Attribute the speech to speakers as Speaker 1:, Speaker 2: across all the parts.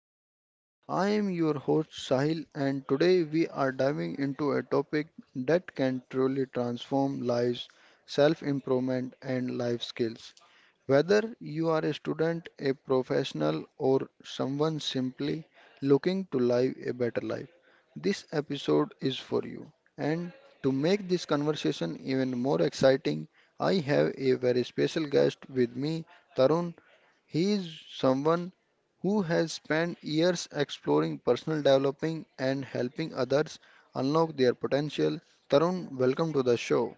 Speaker 1: podcast. I am your host Sahil, and today we are diving into a topic that can truly transform lives, self-improvement and life skills. Whether you are a student, a professional or someone simply looking to live a better life, this episode is for you. And to make this conversation even more exciting, I have a very special guest with me, Tarun, he is someone who has spent years exploring personal developing and helping others unlock their potential. Tarun, welcome to the show.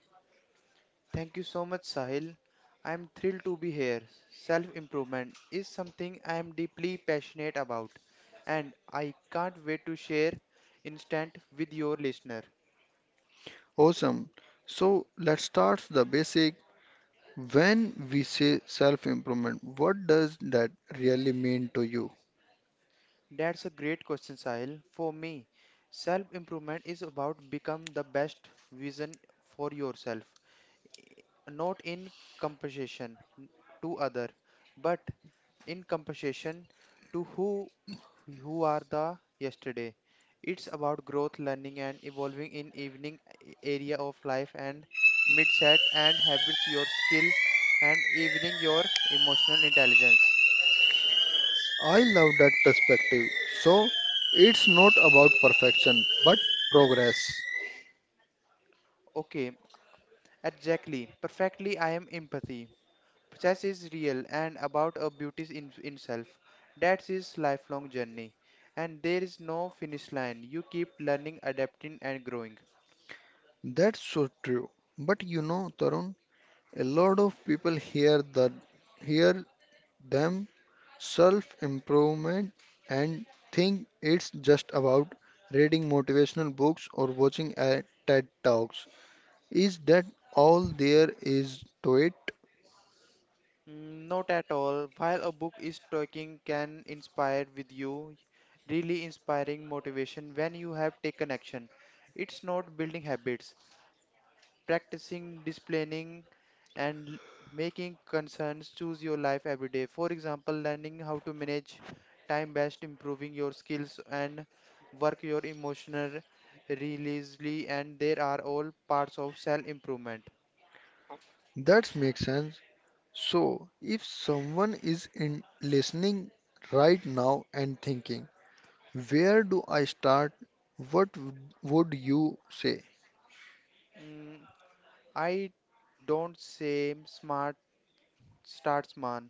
Speaker 2: Thank you so much, Sahil. I am thrilled to be here. Self improvement is something I am deeply passionate about, and I can't wait to share instant with your listener.
Speaker 1: Awesome. So let's start the basic. When we say self improvement, what does that really mean to you?
Speaker 2: That's a great question, Sahil. For me, self improvement is about become the best vision for yourself, not in compensation to other, but in comparison to who are the yesterday. It's about growth, learning, and evolving in evening area of life and mindset and habits, your skill, and evening your emotional intelligence.
Speaker 1: I love that perspective. So it's not about perfection, but progress.
Speaker 2: Okay, exactly, perfectly. I am empathy. Process is real and about a beauty in self. That's is lifelong journey, and there is no finish line. You keep learning, adapting, and growing.
Speaker 1: That's so true. But you know, Tarun, a lot of people hear that hear them self improvement and think it's just about reading motivational books or watching a TED Talks. Is that all there is to it?
Speaker 2: Not at all. While a book is talking can inspire with you, really inspiring motivation when you have taken action. It's not building habits, practicing, displaying, and l- making concerns choose your life every day. For example, learning how to manage time best, improving your skills, and work your emotional releasely, and there are all parts of self-improvement.
Speaker 1: That makes sense. So, if someone is in listening right now and thinking, where do I start? What w- would you say?
Speaker 2: Mm, I don't say smart start small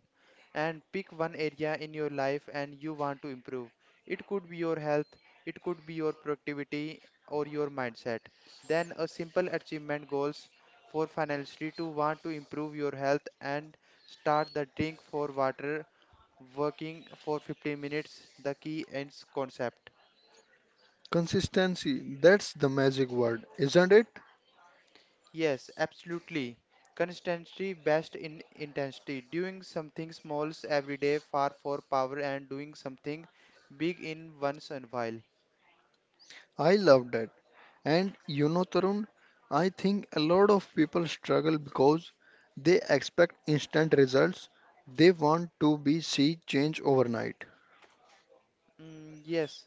Speaker 2: and pick one area in your life and you want to improve. It could be your health, it could be your productivity or your mindset. Then a simple achievement goals for financially to want to improve your health and start the drink for water working for 15 minutes the key ends concept.
Speaker 1: Consistency, that's the magic word, isn't it?
Speaker 2: Yes, absolutely. Consistency best in intensity. Doing something small every day far for power and doing something big in once and while.
Speaker 1: I love that. And you know, Tarun, I think a lot of people struggle because they expect instant results. They want to be see change overnight.
Speaker 2: Yes,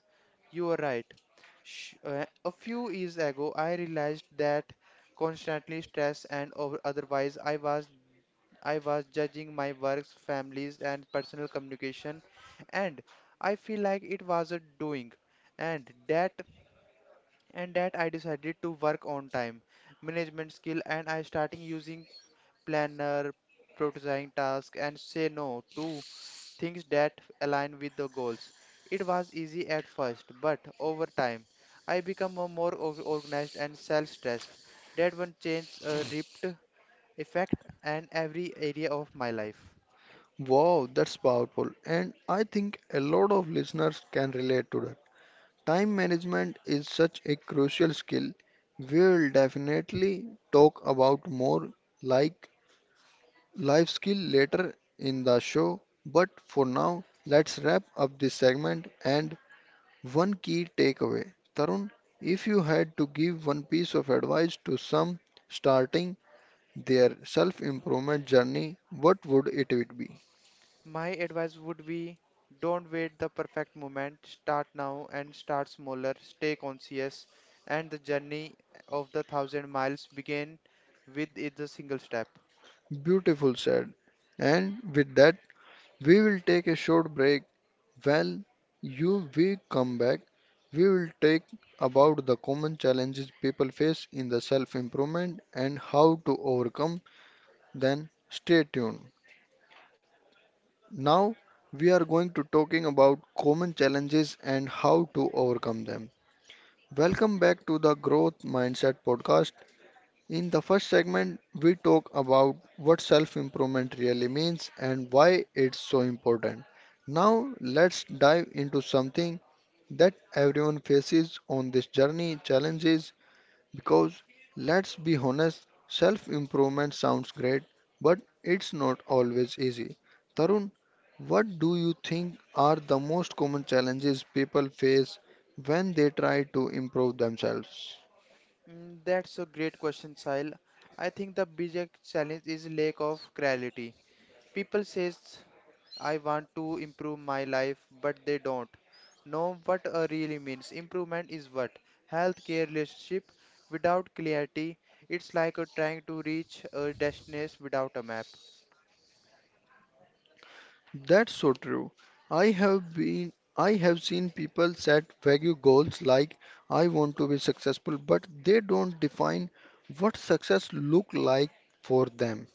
Speaker 2: you are right. Sh A few years ago, I realized that constantly stressed and over otherwise I was judging my works, families, and personal communication, and I feel like it was a doing, and that and that I decided to work on time management skill and I starting using planner, prioritizing tasks and say no to things that align with the goals. It was easy at first, but over time I become a more organized and self-stressed. That one change ripped effect and every area of my life.
Speaker 1: Wow, that's powerful. And I think a lot of listeners can relate to that. Time management is such a crucial skill. We will definitely talk about more like life skill later in the show. But for now, let's wrap up this segment and one key takeaway Tarun, if you had to give one piece of advice to some starting their self improvement journey, what would it be?
Speaker 2: My advice would be don't wait the perfect moment, start now and start smaller, stay conscious, and the journey of the thousand miles begin with it the single step.
Speaker 1: Beautiful said. And with that, we will take a short break. While you we come back, we will take about the common challenges people face in the self improvement and how to overcome. Then stay tuned. Now we are going to talking about common challenges and how to overcome them. Welcome back to the Growth Mindset podcast. In the first segment, we talk about what self-improvement really means and why it's so important. Now let's dive into something that everyone faces on this journey, challenges, because let's be honest, self improvement sounds great, but it's not always easy. Tarun, what do you think are the most common challenges people face when they try to improve themselves?
Speaker 2: That's a great question, Sahil. I think the biggest challenge is lack of clarity. People says I want to improve my life, but they don't know what a really means. Improvement is what? Healthcare relationship without clarity. It's like a trying to reach a destination without a map.
Speaker 1: That's so true. I have been I have seen people set vague goals like I want to be successful, but they don't define what success look like for them.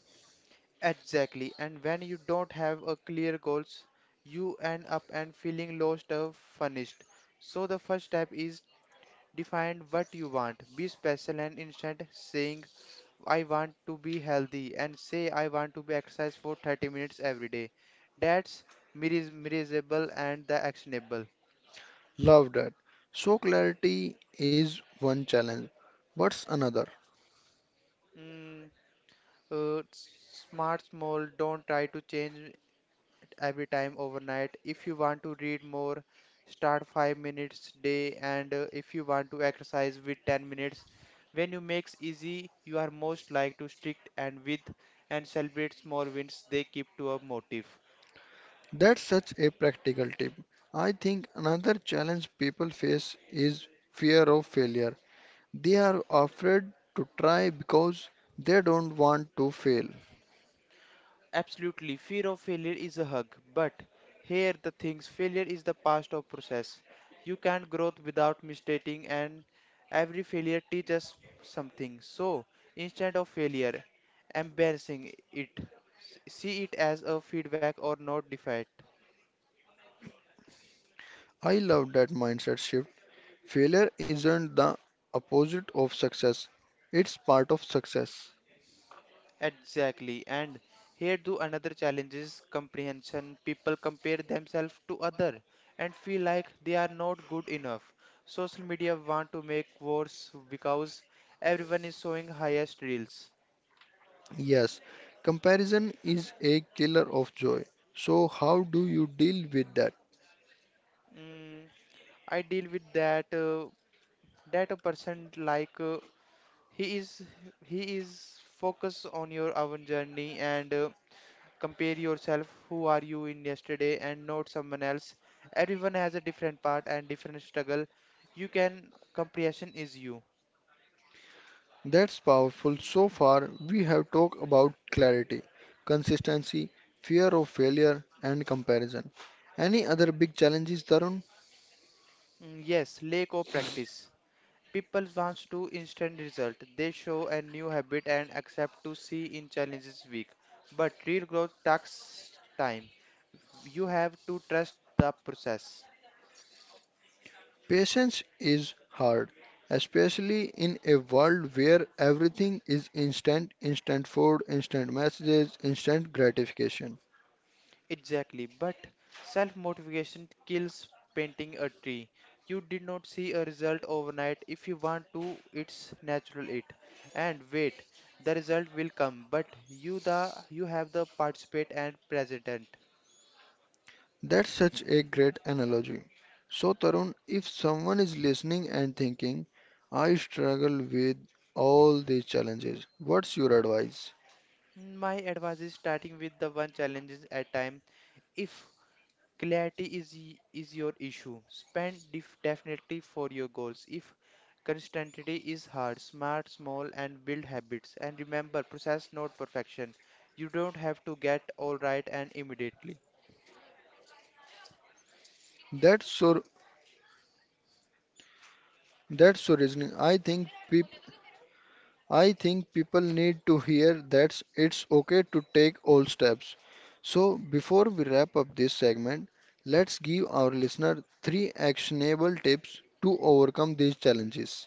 Speaker 2: Exactly. And when you don't have a clear goals, you end up and feeling lost or furnished. So the first step is define what you want. Be special and instead saying I want to be healthy and say I want to be exercise for 30 minutes every day. That's measurable and the actionable.
Speaker 1: Love that. So clarity is one challenge. What's another?
Speaker 2: Mm, smart small, don't try to change every time overnight. If you want to read more, start 5 minutes day and if you want to exercise with 10 minutes. When you makes easy, you are most like to stick and with and celebrate small wins they keep to a motive.
Speaker 1: That's such a practical tip. I think another challenge people face is fear of failure. They are afraid to try because they don't want to fail.
Speaker 2: Absolutely, fear of failure is a hug. But here the things failure is the past of process. You can't grow without mistaking and every failure teaches something. So instead of failure, embarrassing it. See it as a feedback or not defeat.
Speaker 1: I love that mindset shift. Failure isn't the opposite of success. It's part of success.
Speaker 2: Exactly. And here do another challenge is comprehension. People compare themselves to other and feel like they are not good enough. Social media want to make worse because everyone is showing highest reels.
Speaker 1: Yes, comparison is a killer of joy. So how do you deal with that?
Speaker 2: Mm, I deal with that that a person like he is he is focus on your own journey and compare yourself who are you in yesterday and not someone else, everyone has a different part and different struggle, you can, comprehension is you.
Speaker 1: That's powerful. So far, we have talked about clarity, consistency, fear of failure, and comparison. Any other big challenges, Tarun?
Speaker 2: Yes, lack of practice, people wants to instant result, they show a new habit and accept to see in challenges weak, but real growth takes time, you have to trust the process.
Speaker 1: Patience is hard, especially in a world where everything is instant, instant food, instant messages, instant gratification.
Speaker 2: Exactly, but self motivation kills painting a tree. You did not see a result overnight. If you want to, it's natural it. And wait, the result will come, but you the you have the participate and president.
Speaker 1: That's such a great analogy. So, Tarun, if someone is listening and thinking, I struggle with all these challenges, what's your advice?
Speaker 2: My advice is starting with the one challenges at time. If Clarity is is your issue. Spend definitely for your goals. If consistency is hard, smart, small, and build habits. And remember, process not perfection. You don't have to get all right and immediately.
Speaker 1: That's so that's so reasoning. I think people need to hear that it's okay to take all steps. So before we wrap up this segment, let's give our listener three actionable tips to overcome these challenges.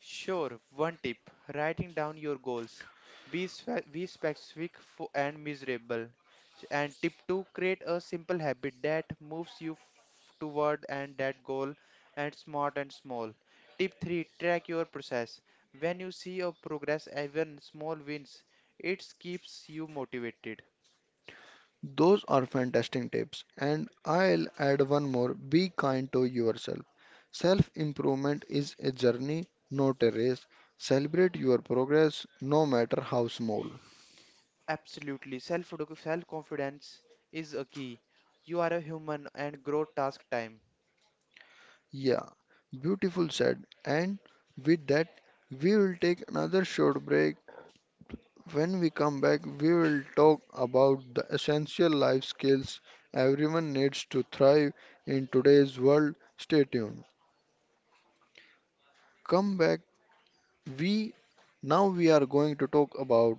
Speaker 2: Sure, one tip writing down your goals. Be specific and measurable. And tip two create a simple habit that moves you toward and that goal and smart and small. Tip three track your process. When you see your progress, even small wins, it keeps you motivated.
Speaker 1: Those are fantastic tips, and I'll add one more. Be kind to yourself. Self improvement is a journey, not a race. Celebrate your progress, no matter how small.
Speaker 2: Absolutely, self confidence is a key. You are a human and grow task time.
Speaker 1: Yeah, beautiful said. And with that, we will take another short break. When we come back, we will talk about the essential life skills everyone needs to thrive in today's world. Stay tuned. Come back. We Now we are going to talk about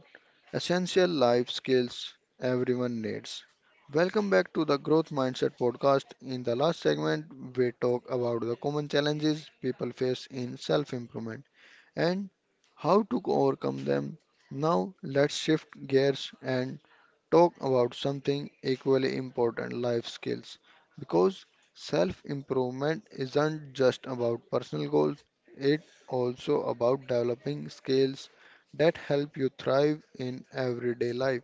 Speaker 1: essential life skills everyone needs. Welcome back to the Growth Mindset podcast. In the last segment, we talk about the common challenges people face in self-improvement and how to overcome them. Now, let's shift gears and talk about something equally important, life skills. Because self improvement isn't just about personal goals, it's also about developing skills that help you thrive in everyday life.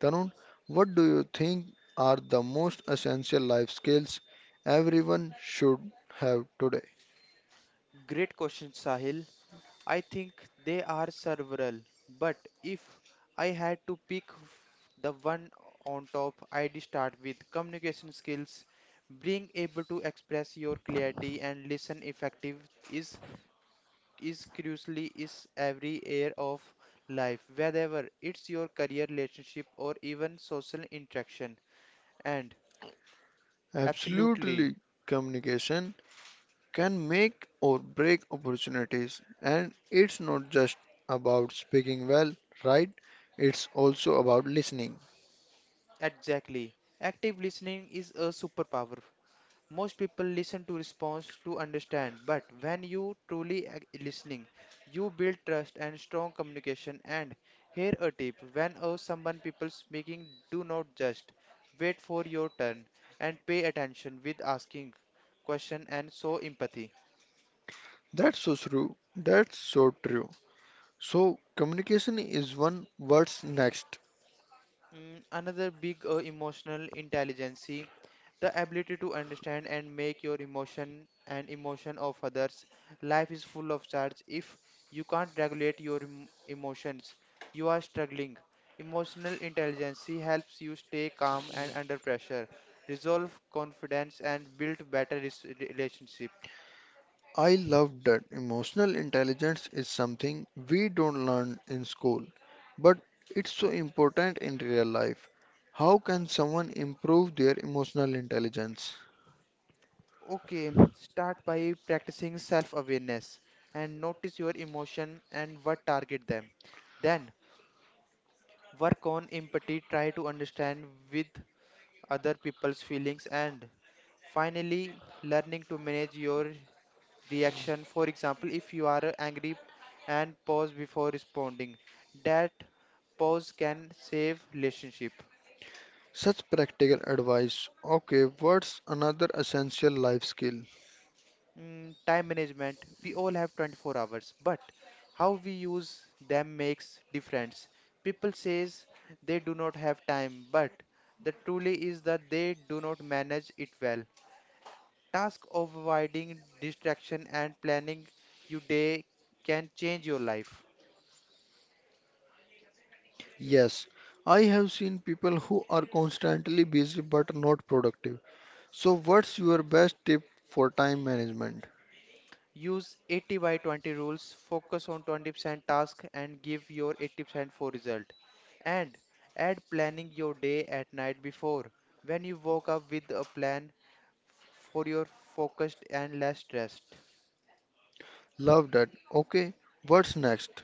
Speaker 1: Tarun, what do you think are the most essential life skills everyone should have today?
Speaker 2: Great question, Sahil. I think they are several, but if I had to pick the one on top, I'd start with communication skills. Being able to express your clarity and listen effective is crucially is every area of life, whether it's your career, relationship, or even social interaction. And absolutely,
Speaker 1: Absolutely, communication can make or break opportunities. And it's not just about speaking well, right? It's also about listening.
Speaker 2: exactly, active listening is a superpower. Most people listen to response to understand, but when you truly listening, you build trust and strong communication. And here a tip: when someone people speaking, do not just wait for your turn and pay attention with asking question and show empathy.
Speaker 1: That's so true. That's so true. So, communication is one, what's next?
Speaker 2: Another big emotional intelligence, the ability to understand and make your emotion and emotion of others, life is full of charge, if you can't regulate your emotions you are struggling, emotional intelligence helps you stay calm and under pressure, resolve confidence and build better relationship.
Speaker 1: I love that. Emotional intelligence is something we don't learn in school, but it's so important in real life. How can someone improve their emotional intelligence?
Speaker 2: Okay, start by practicing self awareness and notice your emotion and what target them, then work on empathy, try to understand with other people's feelings, and finally learning to manage your reaction, for example if you are angry and pause before responding, that pause can save relationship.
Speaker 1: Such practical advice. Okay, what's another essential life skill?
Speaker 2: Time management, we all have 24 hours but how we use them makes difference, people says they do not have time but the truly is that they do not manage it well, task of avoiding distraction and planning your day can change your life.
Speaker 1: Yes, I have seen people who are constantly busy but not productive. So, what's your best tip for time management?
Speaker 2: Use 80 by 20 rules, focus on 20% task and give your 80% for result. And add planning your day at night before, when you woke up with a plan for your focused and less stressed.
Speaker 1: Love that. Okay, what's next?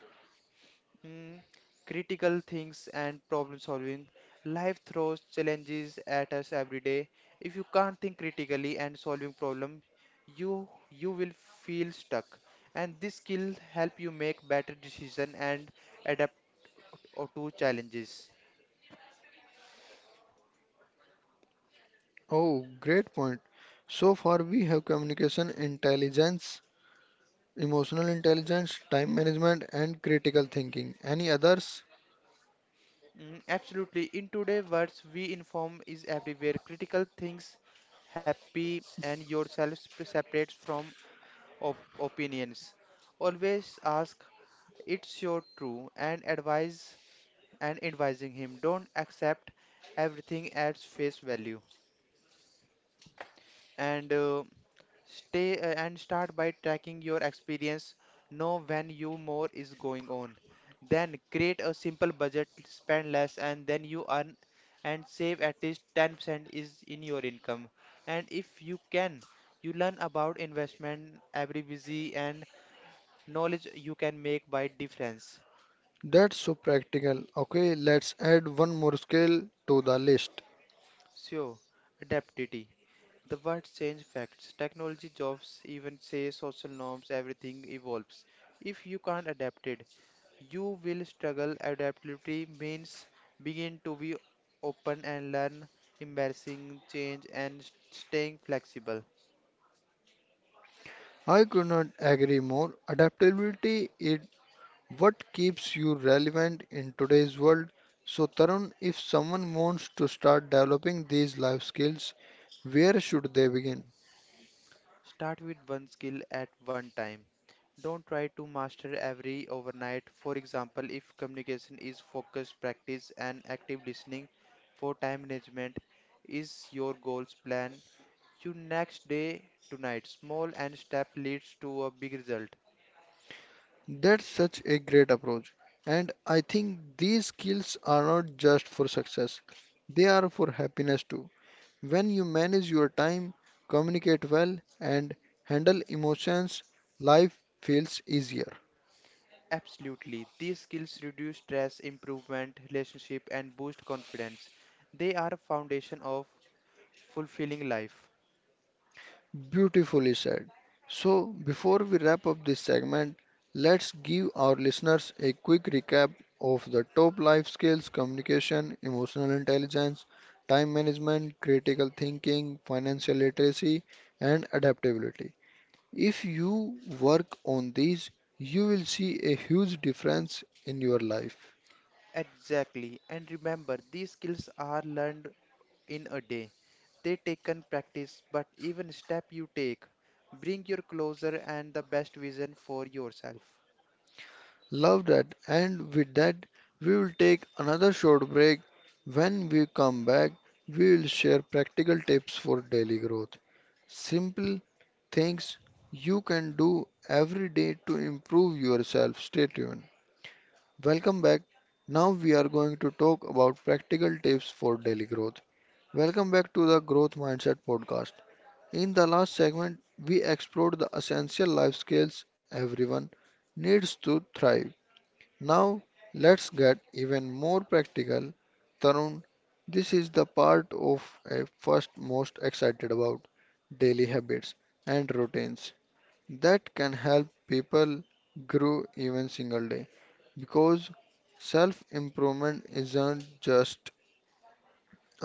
Speaker 2: Hmm, critical things and problem solving. Life throws challenges at us every day. If you can't think critically and solving problem, you will feel stuck. And this skill help you make better decision and adapt to challenges.
Speaker 1: Oh, great point. So far, we have communication intelligence, emotional intelligence, time management, and critical thinking. Any others?
Speaker 2: Absolutely. In today's words, we inform is everywhere. Critical things, happy and yourself separates from opinions. Always ask It's your true and advise and advising him. Don't accept everything at face value and stay and start by tracking your experience. Know when you more is going on. Then create a simple budget, spend less, and then you earn and save at least 10% is in your income. And if you can, you learn about investment every busy and knowledge you can make by difference.
Speaker 1: That's so practical. Okay, let's add one more skill to the list.
Speaker 2: So, adaptability. The words change facts. Technology, jobs, even say social norms, everything evolves. If you can't adapt it, you will struggle. Adaptability means begin to be open and learn embarrassing change and staying flexible.
Speaker 1: I could not agree more. Adaptability is what keeps you relevant in today's world. So, Tarun, if someone wants to start developing these life skills, where should they begin?
Speaker 2: Start with one skill at one time. Don't try to master every overnight. For example, if communication is focused practice and active listening, for time management is your goals plan your next day tonight. Small and step leads to a big result.
Speaker 1: That's such a great approach. And I think these skills are not just for success, they are for happiness too. When you manage your time, communicate well, and handle emotions, life feels easier.
Speaker 2: Absolutely. These skills reduce stress, improvement, relationship and boost confidence. They are a foundation of fulfilling life.
Speaker 1: Beautifully said. So, before we wrap up this segment, let's give our listeners a quick recap of the top life skills communication, emotional intelligence, time management, critical thinking, financial literacy, and adaptability. If you work on these, you will see a huge difference in your life.
Speaker 2: Exactly. And remember, these skills are learned in a day. They taken practice, but even step you take, bring your closer and the best vision for yourself.
Speaker 1: Love that. And with that, we will take another short break. When we come back, we will share practical tips for daily growth. Simple things you can do every day to improve yourself. Stay tuned. Welcome back. Now we are going to talk about practical tips for daily growth. Welcome back to the Growth Mindset podcast. In the last segment, we explored the essential life skills everyone needs to thrive, now let's get even more practical. Tarun, this is the part of a first most excited about daily habits and routines that can help people grow even single day, because self improvement isn't just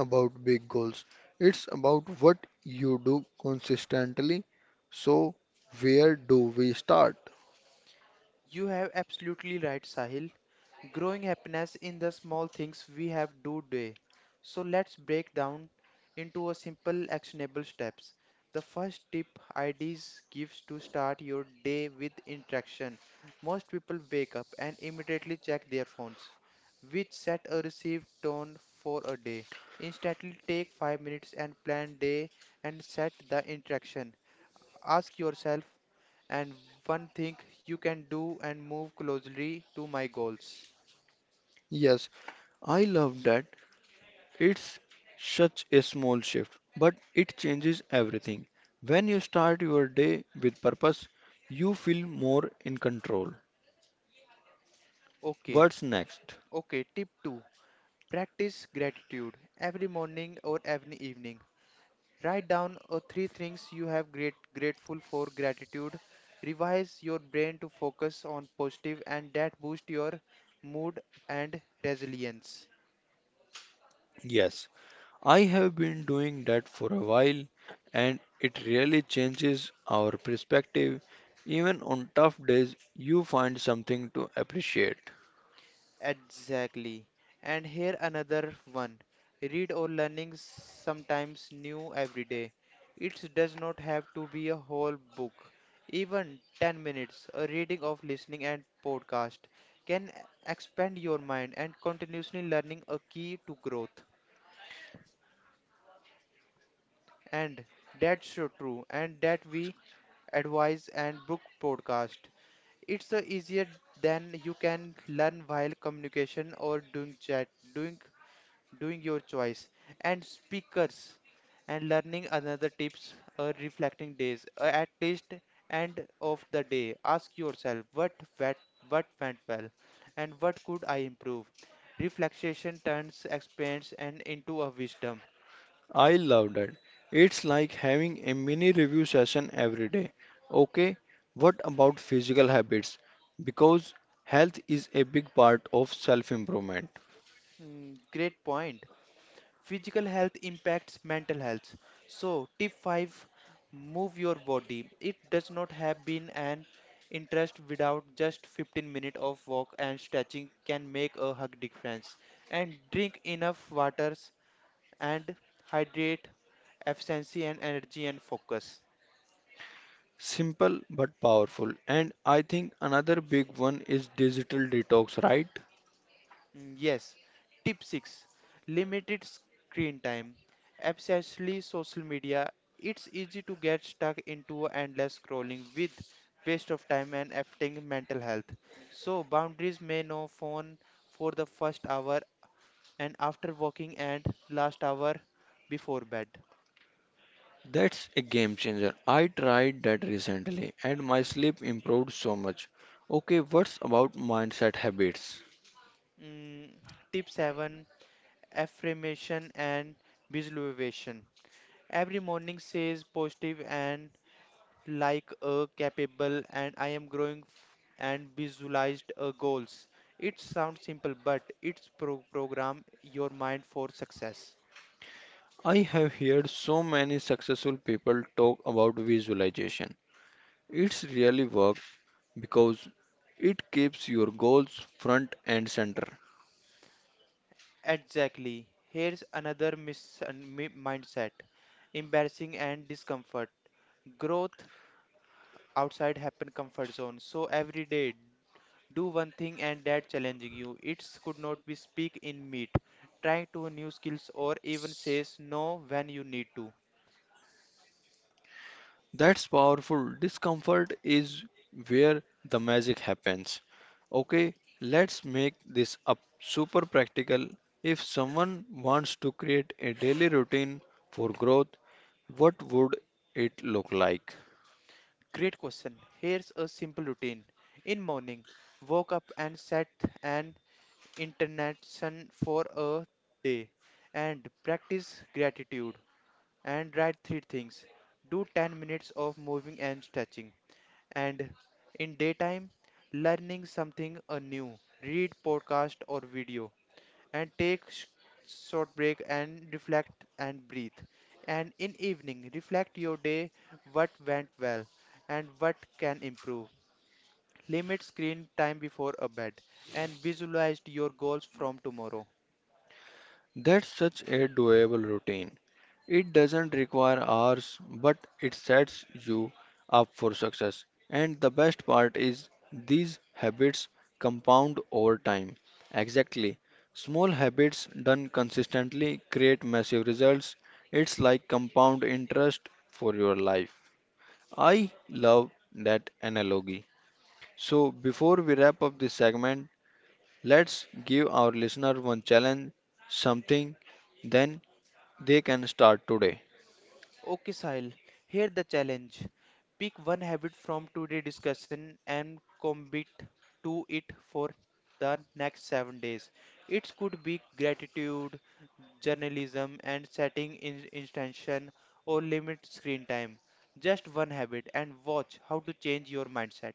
Speaker 1: about big goals, it's about what you do consistently, so where do we start?
Speaker 2: You have absolutely right, Sahil. Growing happiness in the small things we have do day. So let's break down into a simple actionable steps. The first tip IDs gives to start your day with interaction. Most people wake up and immediately check their phones, which set a received tone for a day. Instantly take 5 minutes and plan day and set the interaction. Ask yourself, and one thing you can do and move closely to my goals.
Speaker 1: Yes, I love that. It's such a small shift, but it changes everything. When you start your day with purpose, you feel more in control.
Speaker 2: Okay,
Speaker 1: What's next?
Speaker 2: okay, tip 2 practice gratitude every morning or every evening. Write down 3 things you have great grateful for gratitude. Revise your brain to focus on positive and that boost your mood and resilience.
Speaker 1: Yes, I have been doing that for a while, and it really changes our perspective. Even on tough days, you find something to appreciate.
Speaker 2: Exactly. And here another one. Read or learning sometimes new every day. It does not have to be a whole book. Even 10 minutes, a reading of listening and podcast can expand your mind and continuously learning a key to growth. And that's so true. And that we advise and book podcast. It's easier than you can learn while communication or doing chat, doing doing your choice and speakers and learning another tips or reflecting days. At least end of the day ask yourself went, what went well and what could I improve. Reflection turns experience and into a wisdom.
Speaker 1: I love that. It's like having a mini review session every day. Okay, what about physical habits? Because health is a big part of self improvement.
Speaker 2: Great point. Physical health impacts mental health. So, tip 5, move your body. It does not have been an interest without just 15 minutes of walk and stretching can make a hug difference. And drink enough waters and hydrate efficiency and energy and focus.
Speaker 1: Simple but powerful. And I think another big one is digital detox, right?
Speaker 2: Yes. Tip 6, limited screen time. Especially social media, it's easy to get stuck into endless scrolling with waste of time and affecting mental health. So, boundaries may no phone for the first hour and after working and last hour before bed.
Speaker 1: That's a game changer. I tried that recently and my sleep improved so much. Okay, what's about mindset habits?
Speaker 2: Mm, Tip 7, affirmation and visualization. Every morning says positive and like a capable and I am growing f- and visualized goals. It sounds simple, but program your mind for success.
Speaker 1: I have heard so many successful people talk about visualization. It's really work because it keeps your goals front and center.
Speaker 2: Exactly. Here's another mindset, embarrassing and discomfort. Growth outside happen comfort zone. So every day, do one thing and that challenging you. It could not be speak in meet, trying to new skills or even says no when you need to.
Speaker 1: That's powerful. Discomfort is where the magic happens. Okay, let's make this up super practical. If someone wants to create a daily routine for growth, what would it look like?
Speaker 2: Great question. Here's a simple routine. In morning, woke up and set an intention for a day and practice gratitude and write three things. Do 10 minutes of moving and stretching. And in daytime, learning something new. Read podcast or video and take short break and reflect and breathe. And in evening, reflect your day, what went well and what can improve. Limit screen time before a bed and visualize your goals from tomorrow.
Speaker 1: That's such a doable routine. It doesn't require hours, but it sets you up for success. And the best part is these habits compound over time. Exactly. Small habits done consistently create massive results. It's like compound interest for your life. I love that analogy. So, before we wrap up this segment, let's give our listener one challenge, something then they can start today.
Speaker 2: Okay, Sahil, here the challenge. Pick one habit from today's discussion and commit to it for the next 7 days. It could be gratitude, journalism, and setting intention or limit screen time. Just one habit and watch how to change your mindset.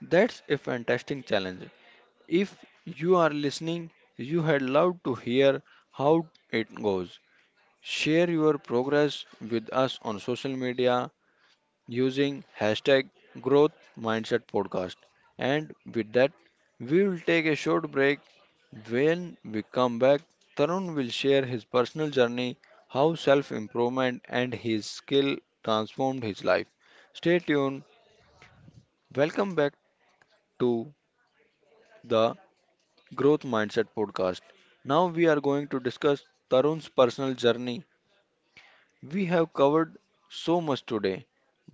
Speaker 1: That's a fantastic challenge. If you are listening, you had loved to hear how it goes. Share your progress with us on social media using hashtag growth mindset podcast. And with that, we will take a short break. When we come back, Tarun will share his personal journey, how self improvement and his skill transformed his life. Stay tuned. Welcome back to the Growth Mindset podcast. Now we are going to discuss Tarun's personal journey. We have covered so much today,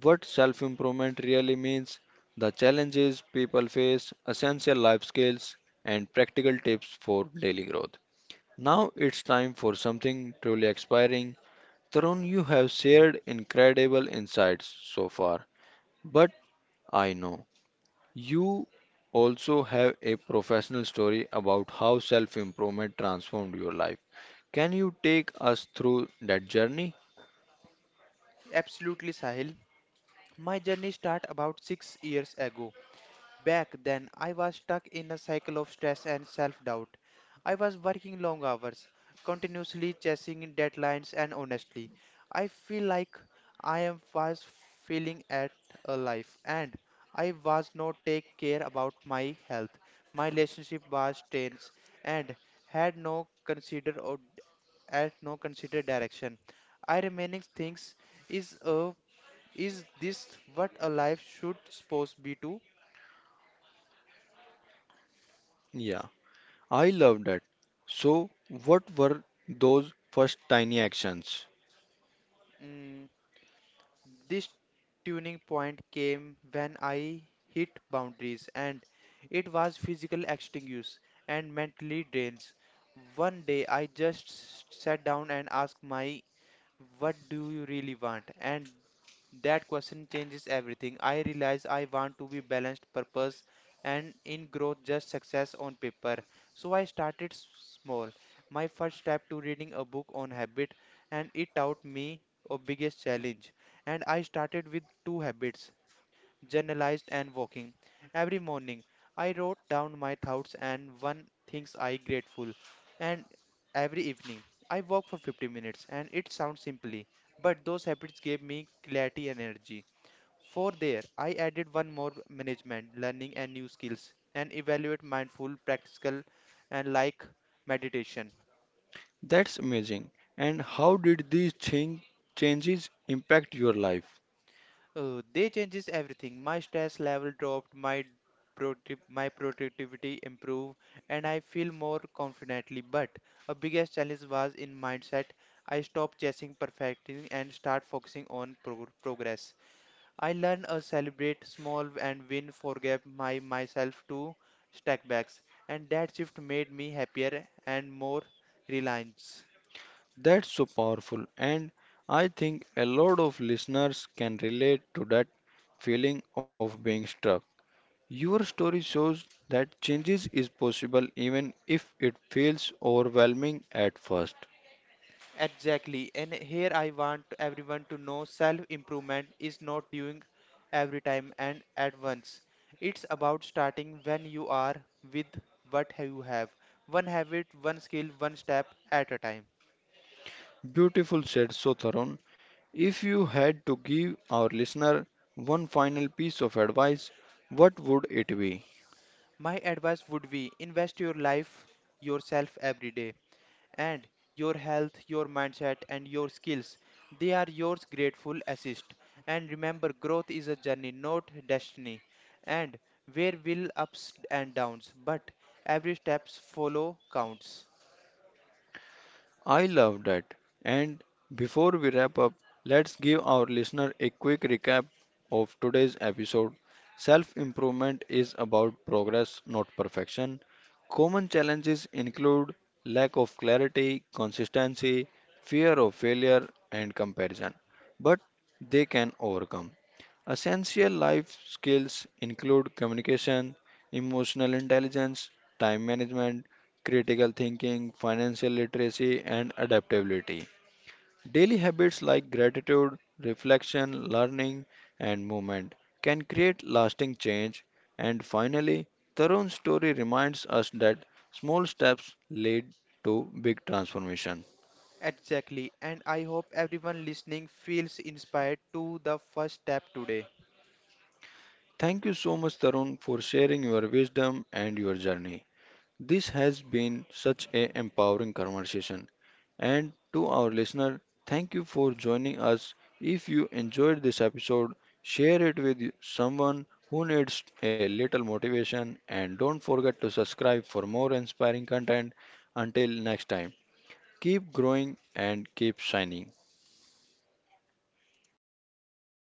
Speaker 1: what self improvement really means, the challenges people face, essential life skills, and practical tips for daily growth. Now it's time for something truly inspiring. Tarun, you have shared incredible insights so far, but I know you also have a professional story about how self improvement transformed your life. Can you take us through that journey?
Speaker 2: Absolutely, Sahil. My journey started about 6 years ago. Back then, I was stuck in a cycle of stress and self doubt. I was working long hours, continuously chasing deadlines, and honestly, I feel like I am was failing at a life and I was not take care about my health. My relationship was strained and had no consider or had no considered direction. I remaining things is a is this what a life should supposed be to?
Speaker 1: Yeah. I love that. So, what were those first tiny actions?
Speaker 2: Mm, This tuning point came when I hit boundaries and it was physical extinguish and mentally drains. One day I just sat down and asked my, what do you really want? And that question changes everything. I realize I want to be balanced purpose and in growth just success on paper. So I started small. My first step to reading a book on habit and it taught me a biggest challenge. And I started with two habits, journalized and walking. Every morning, I wrote down my thoughts and one things I grateful. And every evening, I walk for 50 minutes. And it sounds simply, but those habits gave me clarity and energy. For there, I added one more management, learning and new skills, and evaluate mindful, practical, and like meditation.
Speaker 1: That's amazing. And how did these changes impact your life?
Speaker 2: Oh, they changes everything. My stress level dropped, my productivity improved, and I feel more confidently. But a biggest challenge was in mindset. I stopped chasing perfecting and start focusing on progress. I learn to celebrate small and win, forgive my myself to stack backs, and that shift made me happier and more reliance.
Speaker 1: That's so powerful. And I think a lot of listeners can relate to that feeling of being stuck. Your story shows that changes is possible even if it feels overwhelming at first.
Speaker 2: Exactly. And here I want everyone to know self improvement is not doing every time and at once. It's about starting when you are with what you have. One habit, one skill, one step at a time.
Speaker 1: Beautiful said Sotharon. If you had to give our listener one final piece of advice, what would it be?
Speaker 2: My advice would be invest your life yourself every day. And your health, your mindset, and your skills. They are your grateful assist. And remember, growth is a journey, not destiny. And where will ups and downs, but every steps follow counts.
Speaker 1: I love that. And before we wrap up, let's give our listener a quick recap of today's episode. Self improvement is about progress, not perfection. Common challenges include lack of clarity, consistency, fear of failure, and comparison, but they can overcome. Essential life skills include communication, emotional intelligence, time management, critical thinking, financial literacy, and adaptability. Daily habits like gratitude, reflection, learning, and movement can create lasting change. And finally, Tarun's story reminds us that small steps lead to big transformation.
Speaker 2: Exactly, and I hope everyone listening feels inspired to the first step today.
Speaker 1: Thank you so much, Tarun, for sharing your wisdom and your journey. This has been such a empowering conversation. And to our listener, thank you for joining us. If you enjoyed this episode, share it with someone who needs a little motivation and don't forget to subscribe for more inspiring content. Until next time, keep growing and keep shining.